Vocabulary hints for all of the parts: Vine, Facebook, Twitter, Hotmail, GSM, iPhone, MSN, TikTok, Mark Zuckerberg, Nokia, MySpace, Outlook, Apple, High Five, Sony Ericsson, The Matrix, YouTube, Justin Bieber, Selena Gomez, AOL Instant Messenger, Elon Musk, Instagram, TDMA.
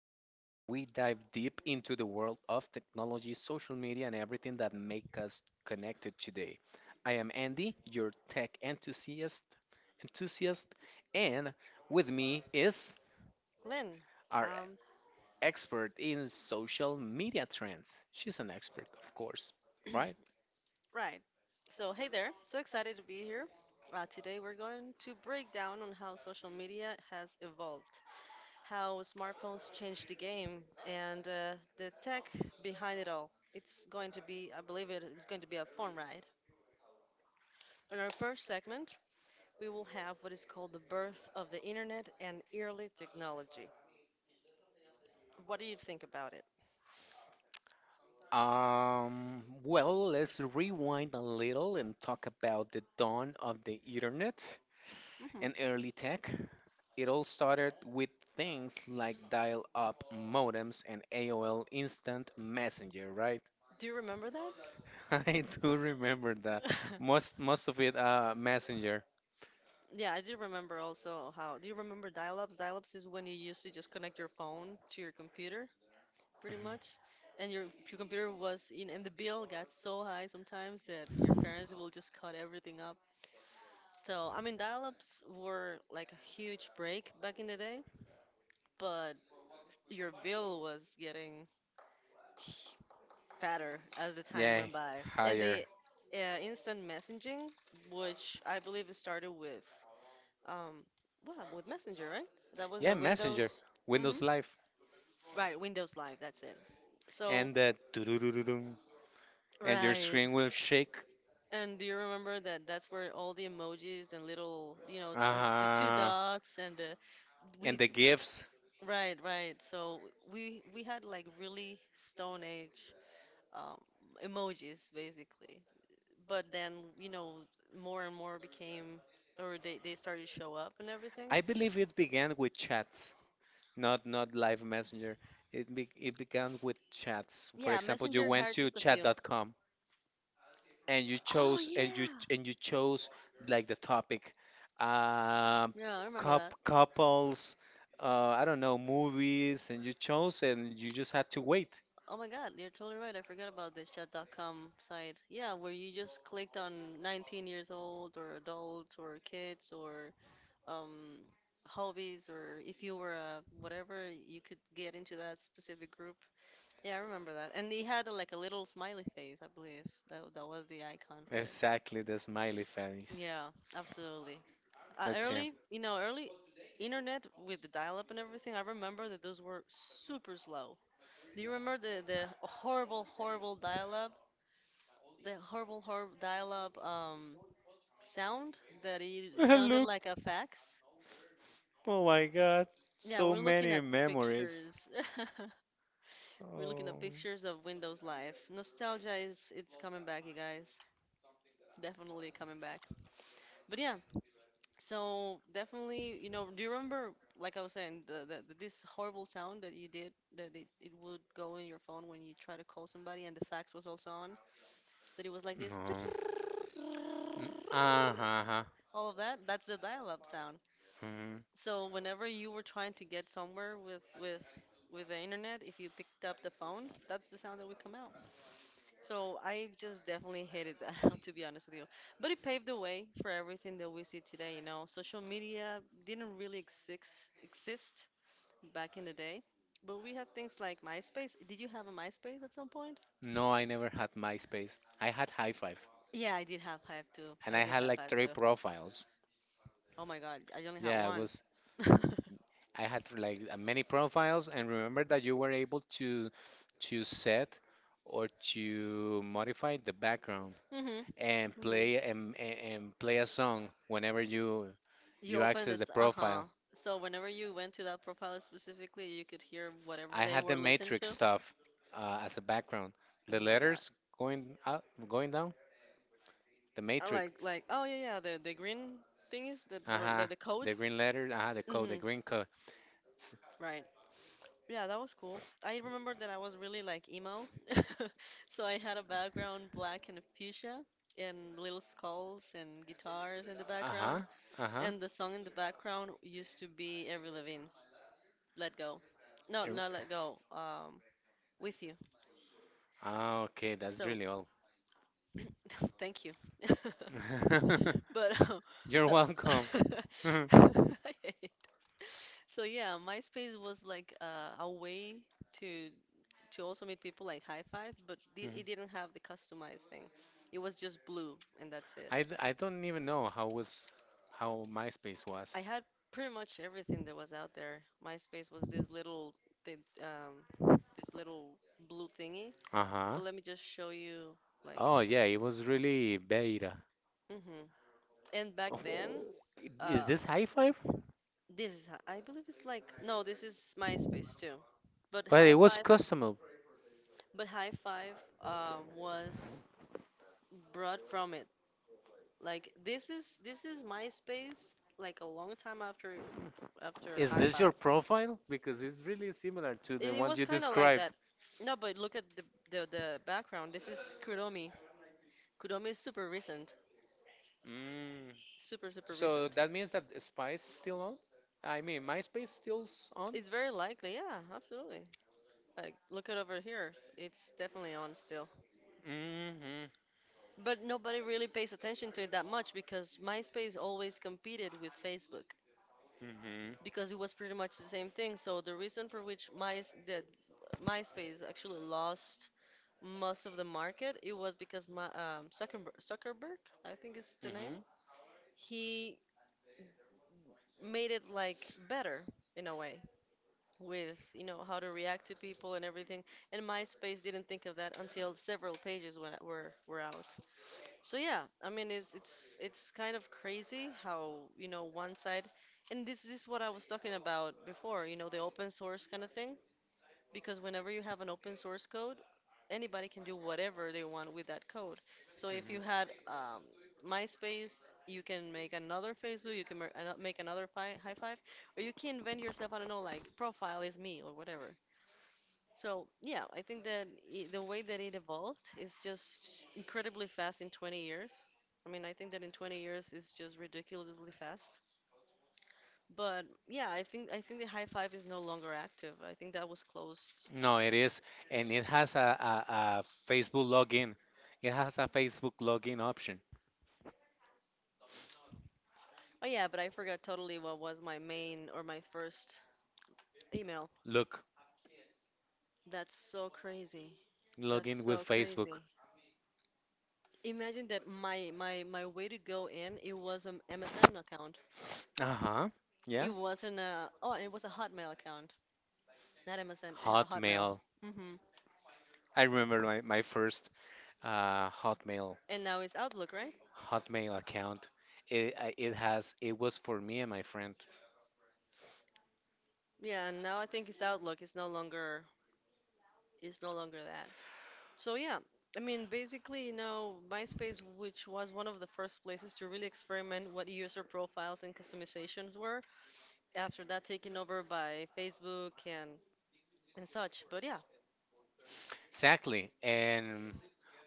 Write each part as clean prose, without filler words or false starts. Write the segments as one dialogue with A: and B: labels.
A: podcast where we dive deep into the world of technology, social media, and everything that make us connected today. I am Andy, your tech enthusiast, and with me is
B: Lynn,
A: our
B: um,
A: expert in social media trends. She's an expert, of course, right?
B: right. So, hey there. So excited to be here. Today we're going to break down on how social media has evolved, how smartphones changed the game, and the tech behind it all. It's going to be, I believe it is going to be a fun ride. In our first segment, we will have what is called the birth of the internet and early technology. What do you think about it?
A: Well, let's rewind a little and talk about the dawn of the internet
B: hmm
A: and early tech. It all started with things like dial up modems and AOL Instant Messenger, right?
B: Do you remember that?
A: I do remember that. Most of it Messenger.
B: Yeah, I do remember also how. Do you remember dial-ups? Dial-ups is when you used to just connect your phone to your computer, pretty
A: Mhm.
B: much. And your computer was in, and the bill got so high sometimes that your parents will just cut everything up. So, I mean, dial-ups were like a huge break back in the day, but your bill was getting fatter as the time
A: Yeah,
B: went by. And
A: higher.
B: the instant messaging, which I believe it started with Um, well, with Messenger, right? That was a
A: Yeah, Messenger,
B: Windows. hmm
A: Windows Live.
B: Right, Windows Live, that's it. So,
A: And the doo-doo-doo-doo-doo, and your
B: right.
A: screen will shake.
B: And do you remember that that's where all the emojis and little, you know, on the two
A: Uh-huh.
B: dots and the
A: And
B: we
A: the gifts.
B: right, right. So we had like really stone age um, emojis basically. But then, you know, more and more became or they started to show up and everything.
A: I believe it began with chats. Not live messenger. It began with chats. For
B: Yeah,
A: example, you
B: Messenger
A: went
B: had
A: to
B: just a
A: chat
B: few.
A: dot com and you
B: Oh
A: chose and
B: yeah.
A: you chose like the topic, um,
B: Yeah, I remember that.
A: cup couples, uh, I don't know, movies, and you chose and you just had to wait.
B: Oh my God, you're totally right. I forgot about this chat.com site. Yeah, where you just clicked on 19 years old or adults or kids or um hobbies or if you were a whatever, you could get into that specific group. Yeah, I remember that. And he had a, like a little smiley face, I believe. That was the icon of it.
A: Exactly the smiley face.
B: Yeah, absolutely.
A: That's him.
B: Early, you know, early internet with the dial-up and everything, I remember that those were super slow. Do you remember the horrible, horrible dial-up, the horrible, horrible dial-up sound that it sounded
A: Look,
B: like a fax?
A: oh my God,
B: Yeah,
A: so
B: we're looking
A: many
B: at
A: memories.
B: pictures. We're looking at
A: Oh.
B: pictures of Windows Live. Nostalgia is it's coming back, you guys. Definitely coming back. But yeah, so definitely, you know, do you remember, like I was saying, this horrible sound that you did, that it would go in your phone when you try to call somebody and the fax was also on, that it was like this,
A: No. Uh-huh. Uh-huh.
B: all of that? That's the dial-up sound.
A: Mhm.
B: So whenever you were trying to get somewhere with the internet, if you picked up the phone, that's the sound that would come out. So I just definitely hated that, to be honest with you. But it paved the way for everything that we see today, you know. Social media didn't really exist back in the day, but we had things like MySpace. Did you have a MySpace at some point?
A: No, I never had MySpace. I had High Five,
B: Yeah, I did have Hive too.
A: and
B: I
A: I
B: did
A: had
B: have
A: like
B: Hive
A: three
B: too.
A: profiles.
B: Oh my God, I only had
A: Yeah, it
B: one.
A: was. I had like many profiles, and remember that you were able to set or to modify the background
B: hmm hmm
A: and play and play a song whenever
B: You
A: you
B: open
A: access the
B: this,
A: profile.
B: uh-huh. So whenever you went to that profile specifically, you could hear whatever
A: I
B: they
A: had the
B: were listening
A: matrix
B: to.
A: stuff as a background.
B: Oh
A: The
B: my God.
A: letters going up, going down. The
B: I
A: Matrix.
B: like oh yeah yeah the green thingies that were
A: Uh-huh.
B: the
A: The
B: codes.
A: green letter, uh-huh, the code, the
B: hmm
A: green code. S-
B: Right. Yeah, that was cool. I remember that I was really like emo, so I had a background black and fuchsia and little skulls and guitars in the
A: Uh-huh.
B: background,
A: Uh-huh.
B: and the song in the background used to be Avril Lavigne's "Let Go." No,
A: Er-
B: not "Let Go." With you.
A: Ah, okay, that's
B: So
A: really all.
B: thank you. But
A: You're welcome.
B: the So yeah, MySpace was like a way to to also meet people like high five, but
A: Mhm.
B: it didn't have the customized thing. It was just blue and that's it.
A: I don't even know how MySpace was.
B: I had pretty much everything that was out there. MySpace was this little thing, um, this little blue thingy.
A: Uh-huh.
B: But let me just show you like,
A: Oh yeah, it was really beta.
B: hmm and back
A: Oh,
B: then,
A: is
B: uh,
A: this high five?
B: this is I believe it's like no, this is MySpace too. But
A: But
B: high
A: it was
B: five,
A: custom.
B: but high five was brought from it. Like this is MySpace like a long time after after
A: Is this
B: Hi-Fi.
A: your profile? Because it's really similar to
B: It,
A: the
B: it
A: one
B: was
A: you
B: kind of like that.
A: described.
B: No, but look at the background. This is Kudomi. Kudomi is super recent.
A: Mm.
B: Super super
A: So
B: recent.
A: that means that Spice is still on? I mean, MySpace still's on?
B: It's very likely. Yeah, absolutely. Like look at over here. It's definitely on still.
A: Mm-hmm.
B: But nobody really pays attention to it that much because MySpace always competed with Facebook,
A: Mm-hmm.
B: because it was pretty much the same thing. So the reason for which my that MySpace actually lost most of the market, it was because Zuckerberg, Zuckerberg, I think is the name,
A: Mm-hmm.
B: he made it like better in a way with you know how to react to people and everything. And MySpace didn't think of that until several pages when were out. So yeah, I mean it's kind of crazy how you know one side and this is what I was talking about before, you know, the open source kind of thing. Because whenever you have an open source code, anybody can do whatever they want with that code. So if
A: Mm-hmm.
B: you had MySpace, you can make another Facebook, you can make another High Five, or you can invent yourself. I don't know, like profile is me or whatever. So yeah, I think that I the way that it evolved is just incredibly fast in 20 years. I mean, I think that in 20 years it's just ridiculously fast. But yeah, I think the High Five is no longer active. I think that was closed.
A: No, it is, and it has a Facebook login. It has a Facebook login option.
B: Oh yeah, but I forgot totally what was my main or my first email.
A: Look,
B: That's so crazy. That's
A: login with
B: so
A: Facebook.
B: crazy. Imagine that my way to go in, it was an MSN account.
A: Uh-huh.
B: It
A: Yeah.
B: wasn't a oh, it was a Hotmail account, not MSN, a Hotmail.
A: Hotmail.
B: hmm
A: I remember my first uh, Hotmail
B: And now it's Outlook, right?
A: Hotmail account. It, I- it has it was for me and my friend.
B: Yeah, and now I think it's Outlook. It's no longer that. So yeah, I mean, basically, you know, MySpace, which was one of the first places to really experiment what user profiles and customizations were, after that taken over by Facebook and such. But yeah,
A: Exactly. And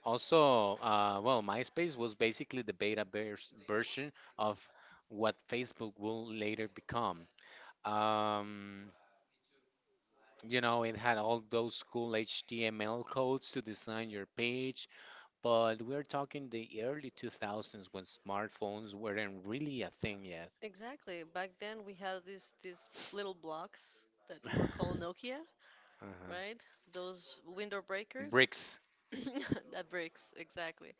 A: also, well, MySpace was basically the beta version of what Facebook will later become. Um, it had all those cool HTML codes to design your page, but we're talking the early 2000s when smartphones weren't really a thing yet.
B: exactly. Back then we had these little blocks that were called Nokia,
A: Uh-huh.
B: right? Those window breakers.
A: Bricks.
B: That breaks, exactly.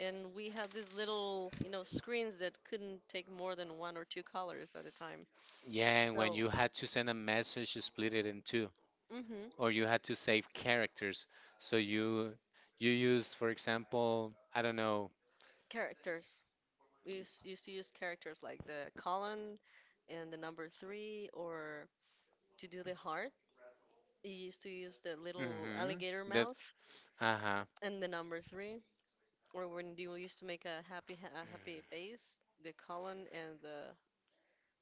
B: And we had these little, you know, screens that couldn't take more than one or two colors at a time.
A: Yeah, and when
B: So,
A: you had to send a message, you split it in two,
B: mm-hmm,
A: or you had to save characters. So you use, for example, I don't know.
B: characters. Used to use characters like the colon and the number three, or to do the heart. You used to use the little
A: Mm-hmm.
B: alligator
A: That's
B: mouth
A: uh-huh.
B: and the number three, or when you used to make a happy face, the colon and the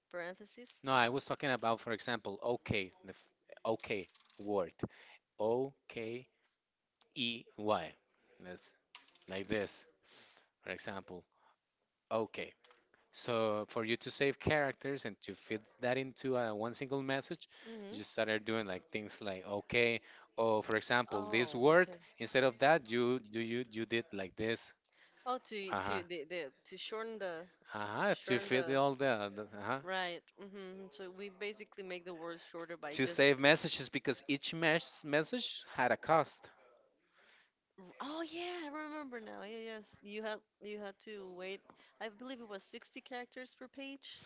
B: parentheses.
A: No, I was talking about, for example, okay, the okay word, OKEY. That's like this, for example, okay. So for you to save characters and to fit that into one single message, you
B: hmm
A: just started doing like things like okay, oh for example, this
B: Oh,
A: word
B: okay.
A: instead of that, you did like this.
B: Oh,
A: Uh-huh.
B: to the to shorten the
A: Uh-huh.
B: to
A: To
B: shorten
A: fit
B: the
A: all the. Uh-huh.
B: right. So we basically make the words shorter by
A: To
B: just
A: save messages because each message had a cost.
B: oh yeah, I remember now. Yeah, yes. You had to wait. I believe it was 60 characters per page.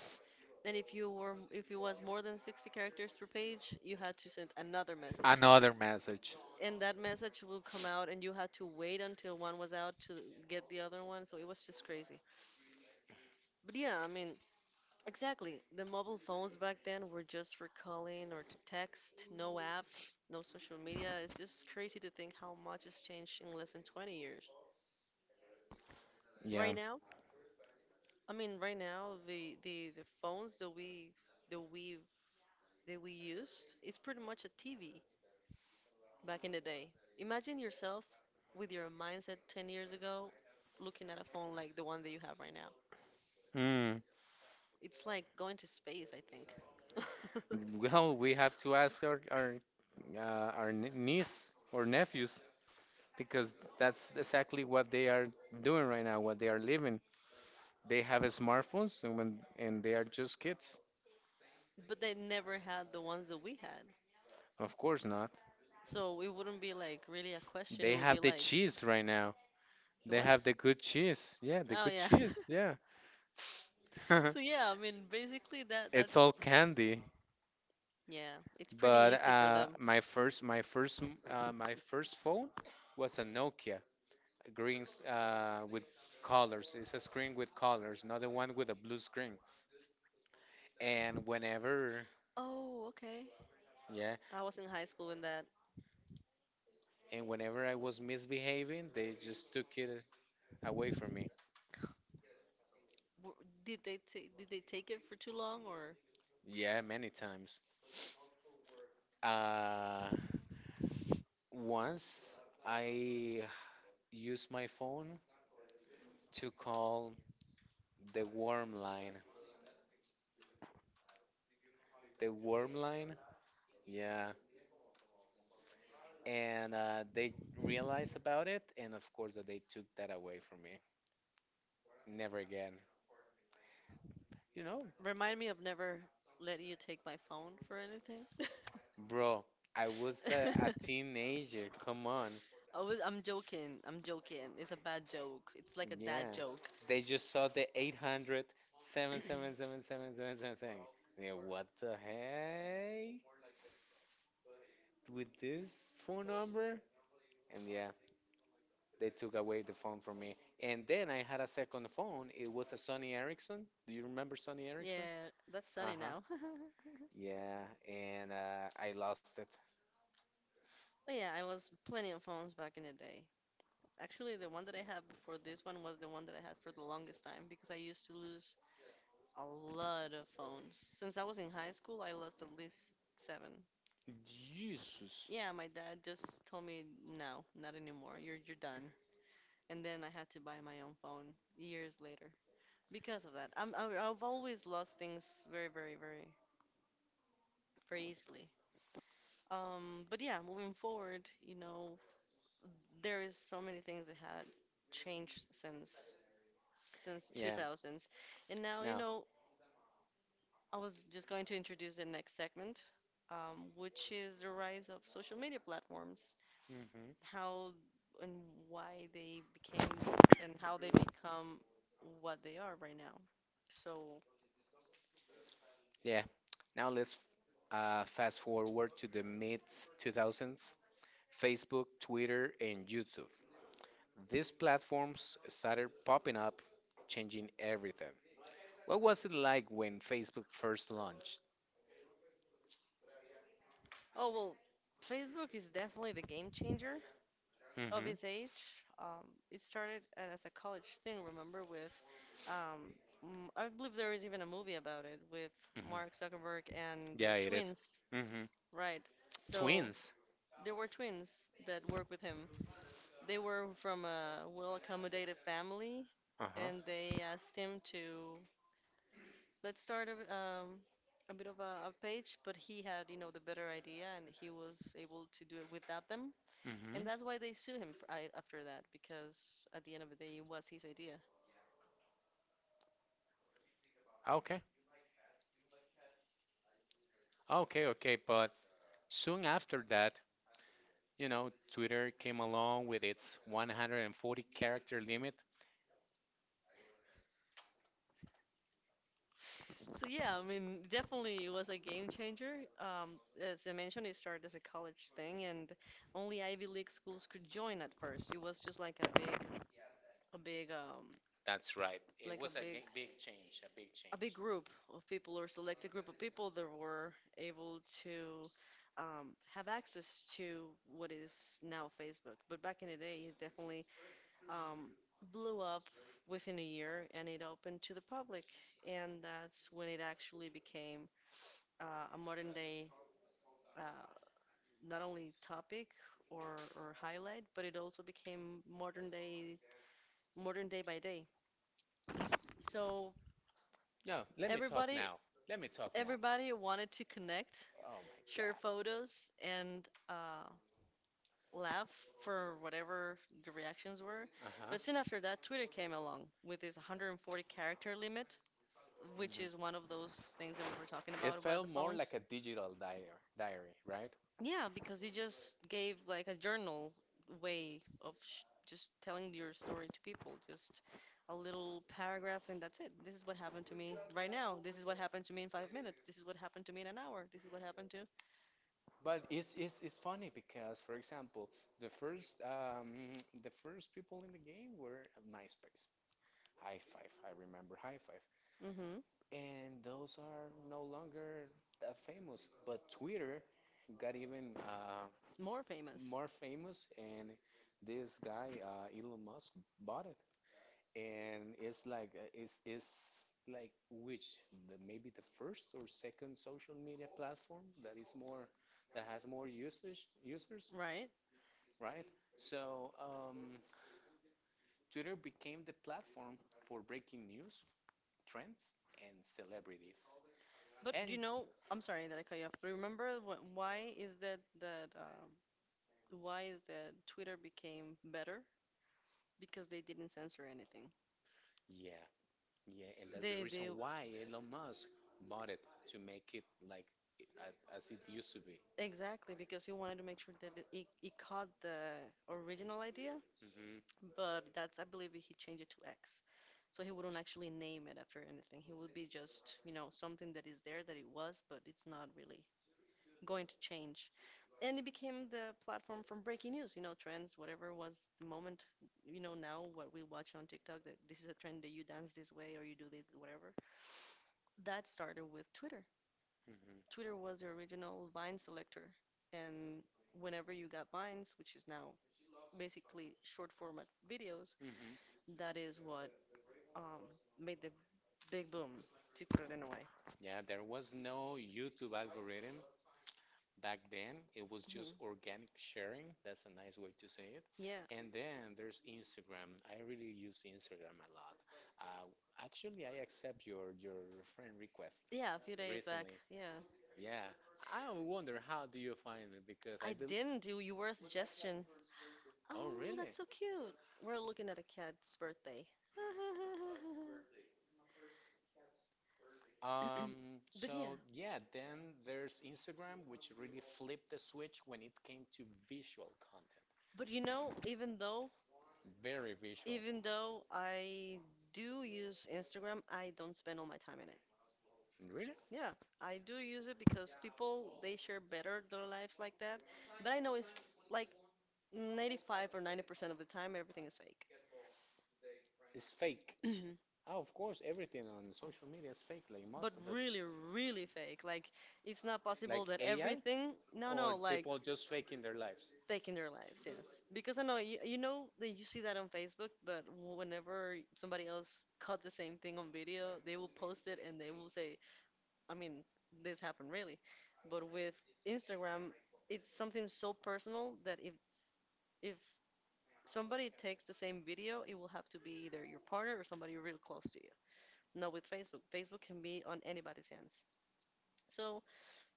B: And if you were if it was more than 60 characters per page, you had to send another message.
A: Another message.
B: And that message will come out and you had to wait until one was out to get the other one. So it was just crazy. But yeah, I mean, exactly. The mobile phones back then were just for calling or to text, no apps, no social media. It's just crazy to think how much has changed in less than 20 years.
A: Yeah.
B: Right now, I mean, right now the phones that we that we that we used is pretty much a TV back in the day. Imagine yourself with your mindset 10 years ago looking at a phone like the one that you have right now.
A: Mm.
B: It's like going to space, I think.
A: Well, we have to ask our niece or nephews because that's exactly what they are doing right now, what they are living. They have smartphones and they are just kids.
B: But they never had the ones that we had.
A: Of course not.
B: So it wouldn't be like really a question. It
A: They
B: would be
A: have the
B: like,
A: cheese right now. They
B: what?
A: have the good cheese. Yeah, the
B: Oh
A: good
B: yeah.
A: cheese. Yeah.
B: So yeah, I mean, basically that
A: It's all
B: that's
A: candy.
B: yeah, it's pretty
A: But
B: easy for them.
A: my first phone was a Nokia, a green with colors. It's a screen with colors, not the one with a blue screen. And whenever
B: Oh, okay.
A: Yeah,
B: I was in high school when that.
A: and whenever I was misbehaving, they just took it away from me.
B: W- Did they did they take it for too long or
A: Yeah, many times. Uh, Once I used my phone to call the worm line. The worm line, yeah. And they realized about it, and of course that they took that away from me. Never again. You know,
B: remind me of never let you take my phone for anything?
A: bro, I was a teenager. Come on.
B: I was, I'm joking. I'm joking. It's a bad joke. It's like a
A: Yeah,
B: dad joke.
A: they just saw the 800 7777777. Yeah, what the heck? With this phone number? And yeah, they took away the phone from me. And then I had a second phone. It was a Sony Ericsson. Do you remember Sony Ericsson?
B: Yeah, that's sunny
A: Uh-huh.
B: now.
A: Yeah, and I lost it.
B: But yeah, I was plenty of phones back in the day. Actually, the one that I had before this one was the one that I had for the longest time because I used to lose a lot of phones. Since I was in high school, I lost at least seven.
A: Jesus.
B: Yeah, my dad just told me, no, not anymore. You're done. And then I had to buy my own phone years later because of that. I've always lost things very easily. But yeah, moving forward, there is so many things that had changed since
A: Yeah.
B: 2000s and now, you
A: Now.
B: know, I was just going to introduce the next segment, which is the rise of social media platforms,
A: Hmm.
B: how and why they became and how they become what they are right now. So,
A: Yeah. Now let's fast forward to the mid 2000s. Facebook, Twitter, and YouTube. These platforms started popping up, changing everything. What was it like when Facebook first launched?
B: oh well, Facebook is definitely the game changer of
A: Hmm.
B: its age. It started as a college thing, remember, with um, I believe there is even a movie about it with
A: Hmm.
B: Mark Zuckerberg and the
A: Yeah, it is.
B: twins,
A: Mm-hmm.
B: right? So
A: Twins.
B: there were twins that worked with him. They were from a well-accommodated family,
A: Uh-huh.
B: and they asked him to let's start a bit of a page, but he had, you know, the better idea, and he was able to do it without them. And that's
A: Mm-hmm.
B: why they sue him for, I, after that, because at the end of the day, it was his idea.
A: Okay. Okay, okay. But soon after that, Twitter came along with its 140 character limit.
B: So yeah, I mean, definitely it was a game changer. As I mentioned, it started as a college thing, and only Ivy League schools could join at first. It was just like a big um,
A: That's right. It
B: a
A: was a
B: big,
A: big change, a big
B: a
A: change.
B: big group of people or select a group of people that were able to have access to what is now Facebook. But back in the day, it definitely um, blew up within a year and it opened to the public. And that's when it actually became a modern day, uh, not only topic or highlight, but it also became modern day by day. So
A: Yeah, let me talk
B: everybody
A: now. Let me talk now.
B: everybody wanted to connect,
A: Oh my God.
B: share photos, and uh, laugh for whatever the reactions were.
A: Uh-huh.
B: But soon after that, Twitter came along with this 140 character limit,
A: Mhm. things
B: which is one of those things that we were talking
A: that It
B: about
A: felt
B: the
A: more
B: phones.
A: like a digital diary, right?
B: Yeah, because you just gave like a journal way of sh just telling your story to people. Just a little paragraph, and that's it. This is what happened to me right now. This is what happened to me in 5 minutes. This is what happened to me in an hour. This is what happened to.
A: But it's funny because, for example, the first the first people in the game were MySpace. High Five. I remember High Five.
B: Mm-hmm.
A: And those are no longer that famous. But Twitter got even
B: More famous,
A: more famous, and this guy, Elon Musk, bought it. And it's like it's like maybe the first or second social media platform that has more usage users,
B: right?
A: right? So Twitter became the platform for breaking news, trends and celebrities.
B: But you
A: And
B: know, I'm sorry that I cut you off, but remember wh why is that that why is that Twitter became better? Because they didn't censor anything.
A: yeah, yeah, and that's the
B: They
A: reason
B: they
A: why Elon Musk bought it to make it like as it used to be.
B: Exactly, because he wanted to make sure that it caught the original idea,
A: Hmm.
B: but that's, I believe he changed it to X. So he wouldn't actually name it after anything. He would be just, you know, something that is there that it was, but it's not really going to change. And it became the platform from breaking news, you know, trends, whatever was the moment, you know, now what we watch on TikTok that this is a trend that you dance this way or you do this, whatever. That started with Twitter.
A: Hmm.
B: Twitter was the original Vine selector, and whenever you got Vines, which is now basically short format videos,
A: Hmm.
B: that is what um, made the big boom, to put it in a way.
A: Yeah, there was no YouTube algorithm back then. It was just
B: Mhm.
A: organic sharing. That's a nice way to say it.
B: Yeah,
A: And then there's Instagram. I really use Instagram a lot. Uh, actually, I accept your friend request
B: yeah, a few days back.
A: recently.
B: Yeah.
A: Yeah, I wonder how do you find it because I
B: I
A: believe.
B: didn't do, you were a suggestion.
A: Oh,
B: Oh,
A: really?
B: that's so cute. We're looking at a cat's birthday. But
A: So
B: yeah,
A: yeah, then there's Instagram, which really flipped the switch when it came to visual content.
B: but you know, even though
A: Very visual.
B: Even though I do use Instagram, I don't spend all my time in it.
A: Really?
B: Yeah, I do use it because people they share better their lives like that, but I know it's like 95 or 90% of the time everything is fake.
A: It's fake.
B: Mhm.
A: Oh, of course, everything on social media is fake, like
B: But
A: most of it.
B: really, really fake. Like it's not
A: Like
B: possible that
A: AI
B: everything. No,
A: or
B: no, like
A: people just faking their lives.
B: taking their lives, yes. Because I know you, you know that you see that on Facebook, but whenever somebody else caught the same thing on video, they will post it and they will say, I mean, this happened really. But with Instagram, it's something so personal that if somebody takes the same video, it will have to be either your partner or somebody real close to you. Not with Facebook. Facebook can be on anybody's hands. So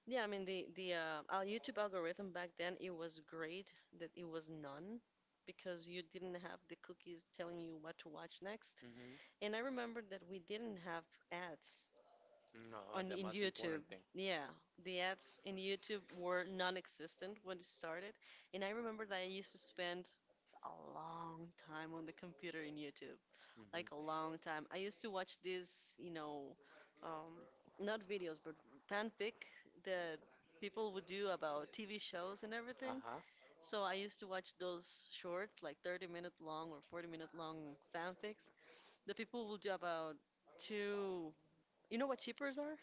B: yeah, I mean the our YouTube algorithm back then it was great that it was none because you didn't have the cookies telling you what to watch next.
A: Hmm.
B: And I remember that we didn't have ads
A: No,
B: on
A: the
B: in
A: most
B: YouTube.
A: important thing.
B: Yeah, the ads in YouTube were non-existent when it started, and I remember that I used to spend a long time on the computer in YouTube, like a
A: Hmm.
B: long time. I used to watch these, you know, um, not videos but fanfic that people would do about TV shows and everything.
A: Uh-huh.
B: So I used to watch those shorts, like 30-minute long or 40-minute long fanfics that people will do about two. You know what shippers are?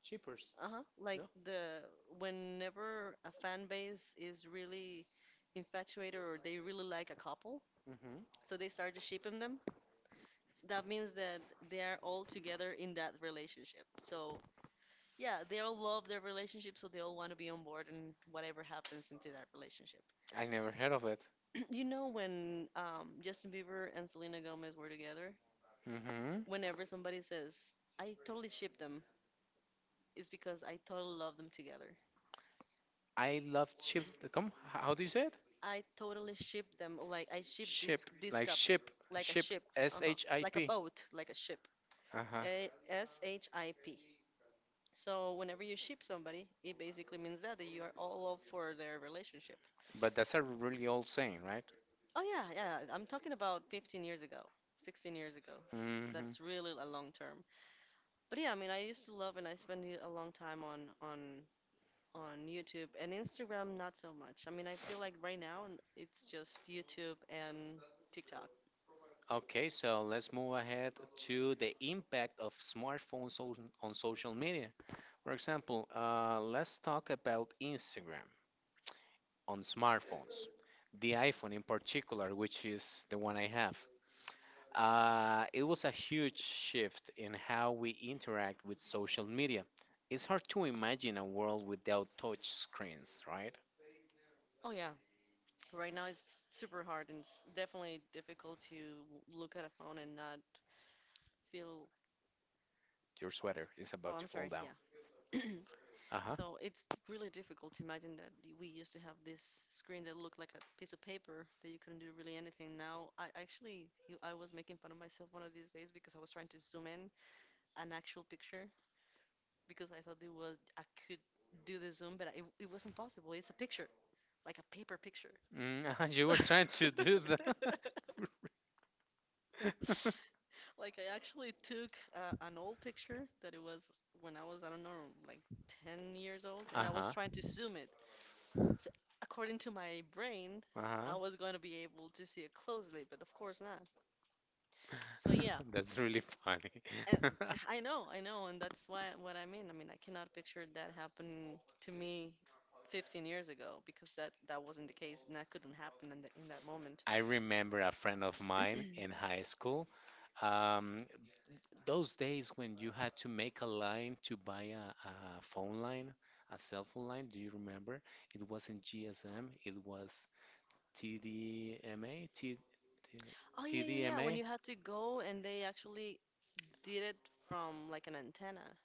A: Cheapers.
B: Uh-huh. Like
A: No?
B: the whenever a fan base is really infatuated or they really like a couple,
A: Hmm.
B: so they start to shipping them. So that means that they are all together in that relationship. So yeah, they all love their relationship, so they all want to be on board and whatever happens into that relationship.
A: I never heard of it.
B: You know when Justin Bieber and Selena Gomez were together,
A: Hmm.
B: whenever somebody says, "I totally ship them," it's because I totally love them together.
A: I love chip. Come, how do you say it?
B: I totally ship them. Like I ship this
A: Ship,
B: this
A: like
B: couple,
A: ship,
B: like a
A: ship,
B: ship,
A: S
B: uh-huh,
A: H I
B: like a
A: P.
B: boat, like a ship.
A: Uh-huh.
B: A SHIP. So whenever you ship somebody, it basically means that you are all up for their relationship.
A: But that's a really old saying, right?
B: Oh yeah, yeah. I'm talking about 15 years ago, 16 years ago.
A: Hmm.
B: That's really a long term. But yeah, I mean, I used to love and I spent a long time on on YouTube and Instagram, not so much. I mean, I feel like right now it's just YouTube and TikTok.
A: Okay, so let's move ahead to the impact of smartphones on social media. For example, let's talk about Instagram on smartphones, the iPhone in particular, which is the one I have. It was a huge shift in how we interact with social media. It's hard to imagine a world without touch screens, right?
B: Oh yeah, right now it's super hard and it's definitely difficult to look at a phone and not feel.
A: Your sweater is
B: Oh,
A: about to
B: I'm
A: fall
B: sorry.
A: down.
B: Yeah.
A: Uh-huh.
B: So it's really difficult to imagine that we used to have this screen that looked like a piece of paper that you couldn't do really anything. Now, I actually, I was making fun of myself one of these days because I was trying to zoom in an actual picture because I thought it was I could do the zoom, but it wasn't possible. It's a picture, like a paper picture.
A: Mm, you were trying to do that.
B: Like I actually took an old picture that it was when I was, I don't know, like 10 years old, and I was
A: Uh-huh.
B: trying to zoom it. So according to my brain,
A: Uh-huh.
B: I was going to be able to see it closely, but of course not. So yeah,
A: That's really funny.
B: and I know, and that's why what I mean. I mean, I cannot picture that happening to me 15 years ago because that wasn't the case, and that couldn't happen in that moment.
A: I remember a friend of mine in high school. Um, those days when you had to make a line to buy a phone line, a cell phone line, do you remember? It wasn't GSM, it was TDMA,
B: Oh yeah, yeah, yeah. When
A: TDMA.
B: you had to go and they actually did it from like an antenna.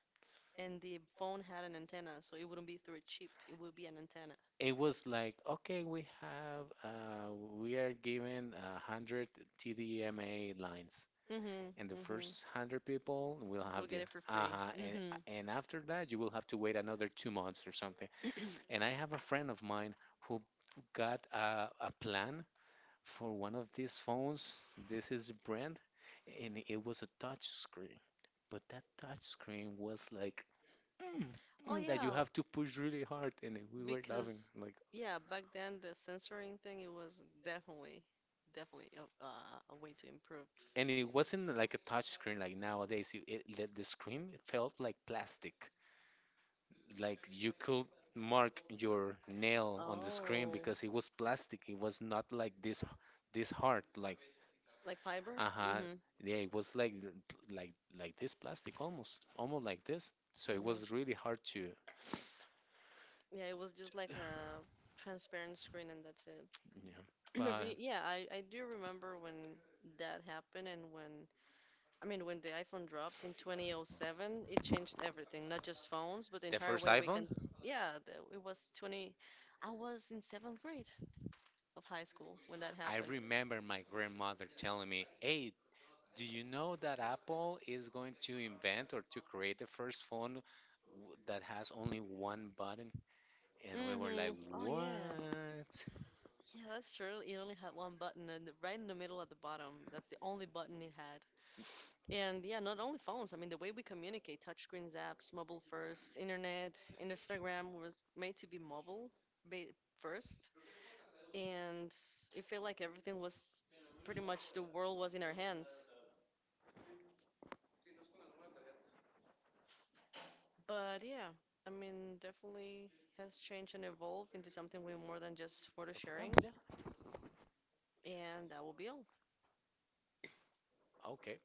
B: And the phone had an antenna, so it wouldn't be through a chip. It would be an antenna.
A: It was like, okay, we have, we are given 100 TDMA lines.
B: Mm-hmm.
A: And the
B: Mm-hmm.
A: first 100 people will
B: We'll
A: have
B: get
A: the.
B: it for free.
A: Uh-huh. and
B: Mm-hmm.
A: and after that you will have to wait another 2 months or something. And I have a friend of mine who got a plan for one of these phones. This is the brand, and it was a touch screen, but that touch screen was like mm,
B: Oh
A: that you
B: yeah,
A: have to push really hard, and we were laughing
B: because
A: like.
B: yeah, back then the censoring thing it was definitely definitely a way to improve.
A: And it wasn't like a touch screen like nowadays. The screen felt like plastic, like you could mark your nail on the screen
B: Oh,
A: because it was plastic. It was not like this hard like
B: like fiber?
A: uh-huh.
B: Mm-hmm.
A: Yeah, it was like like this plastic almost like this. So it
B: Mm-hmm.
A: was really hard to
B: Yeah, it was just like a transparent screen and that's it.
A: yeah. But
B: Every, yeah, I do remember when that happened and when, I mean, when the iPhone dropped in 2007, it changed everything, not just phones, but the
A: the
B: entire
A: first
B: way we
A: iPhone,
B: can, yeah, the, it was 20, I was in seventh grade of high school when that
A: I
B: happened.
A: remember my grandmother telling me, "Hey, do you know that Apple is going to invent or to create the first phone that has only one button, and we were like,
B: Mm-hmm. Oh, yeah.
A: "What?
B: Yeah, that's true. It only had one button and right in the middle at the bottom, that's the only button it had. And yeah, not only phones. I mean, the way we communicate, touchscreens, apps, mobile first, internet, Instagram was made to be mobile first. And it felt like everything was pretty much the world was in our hands. But yeah, I mean, definitely has changed and evolved into something way more than just photo
A: ¿Lo quitamos
B: sharing.
A: ya?
B: And that will be all.
A: Ah, Ok.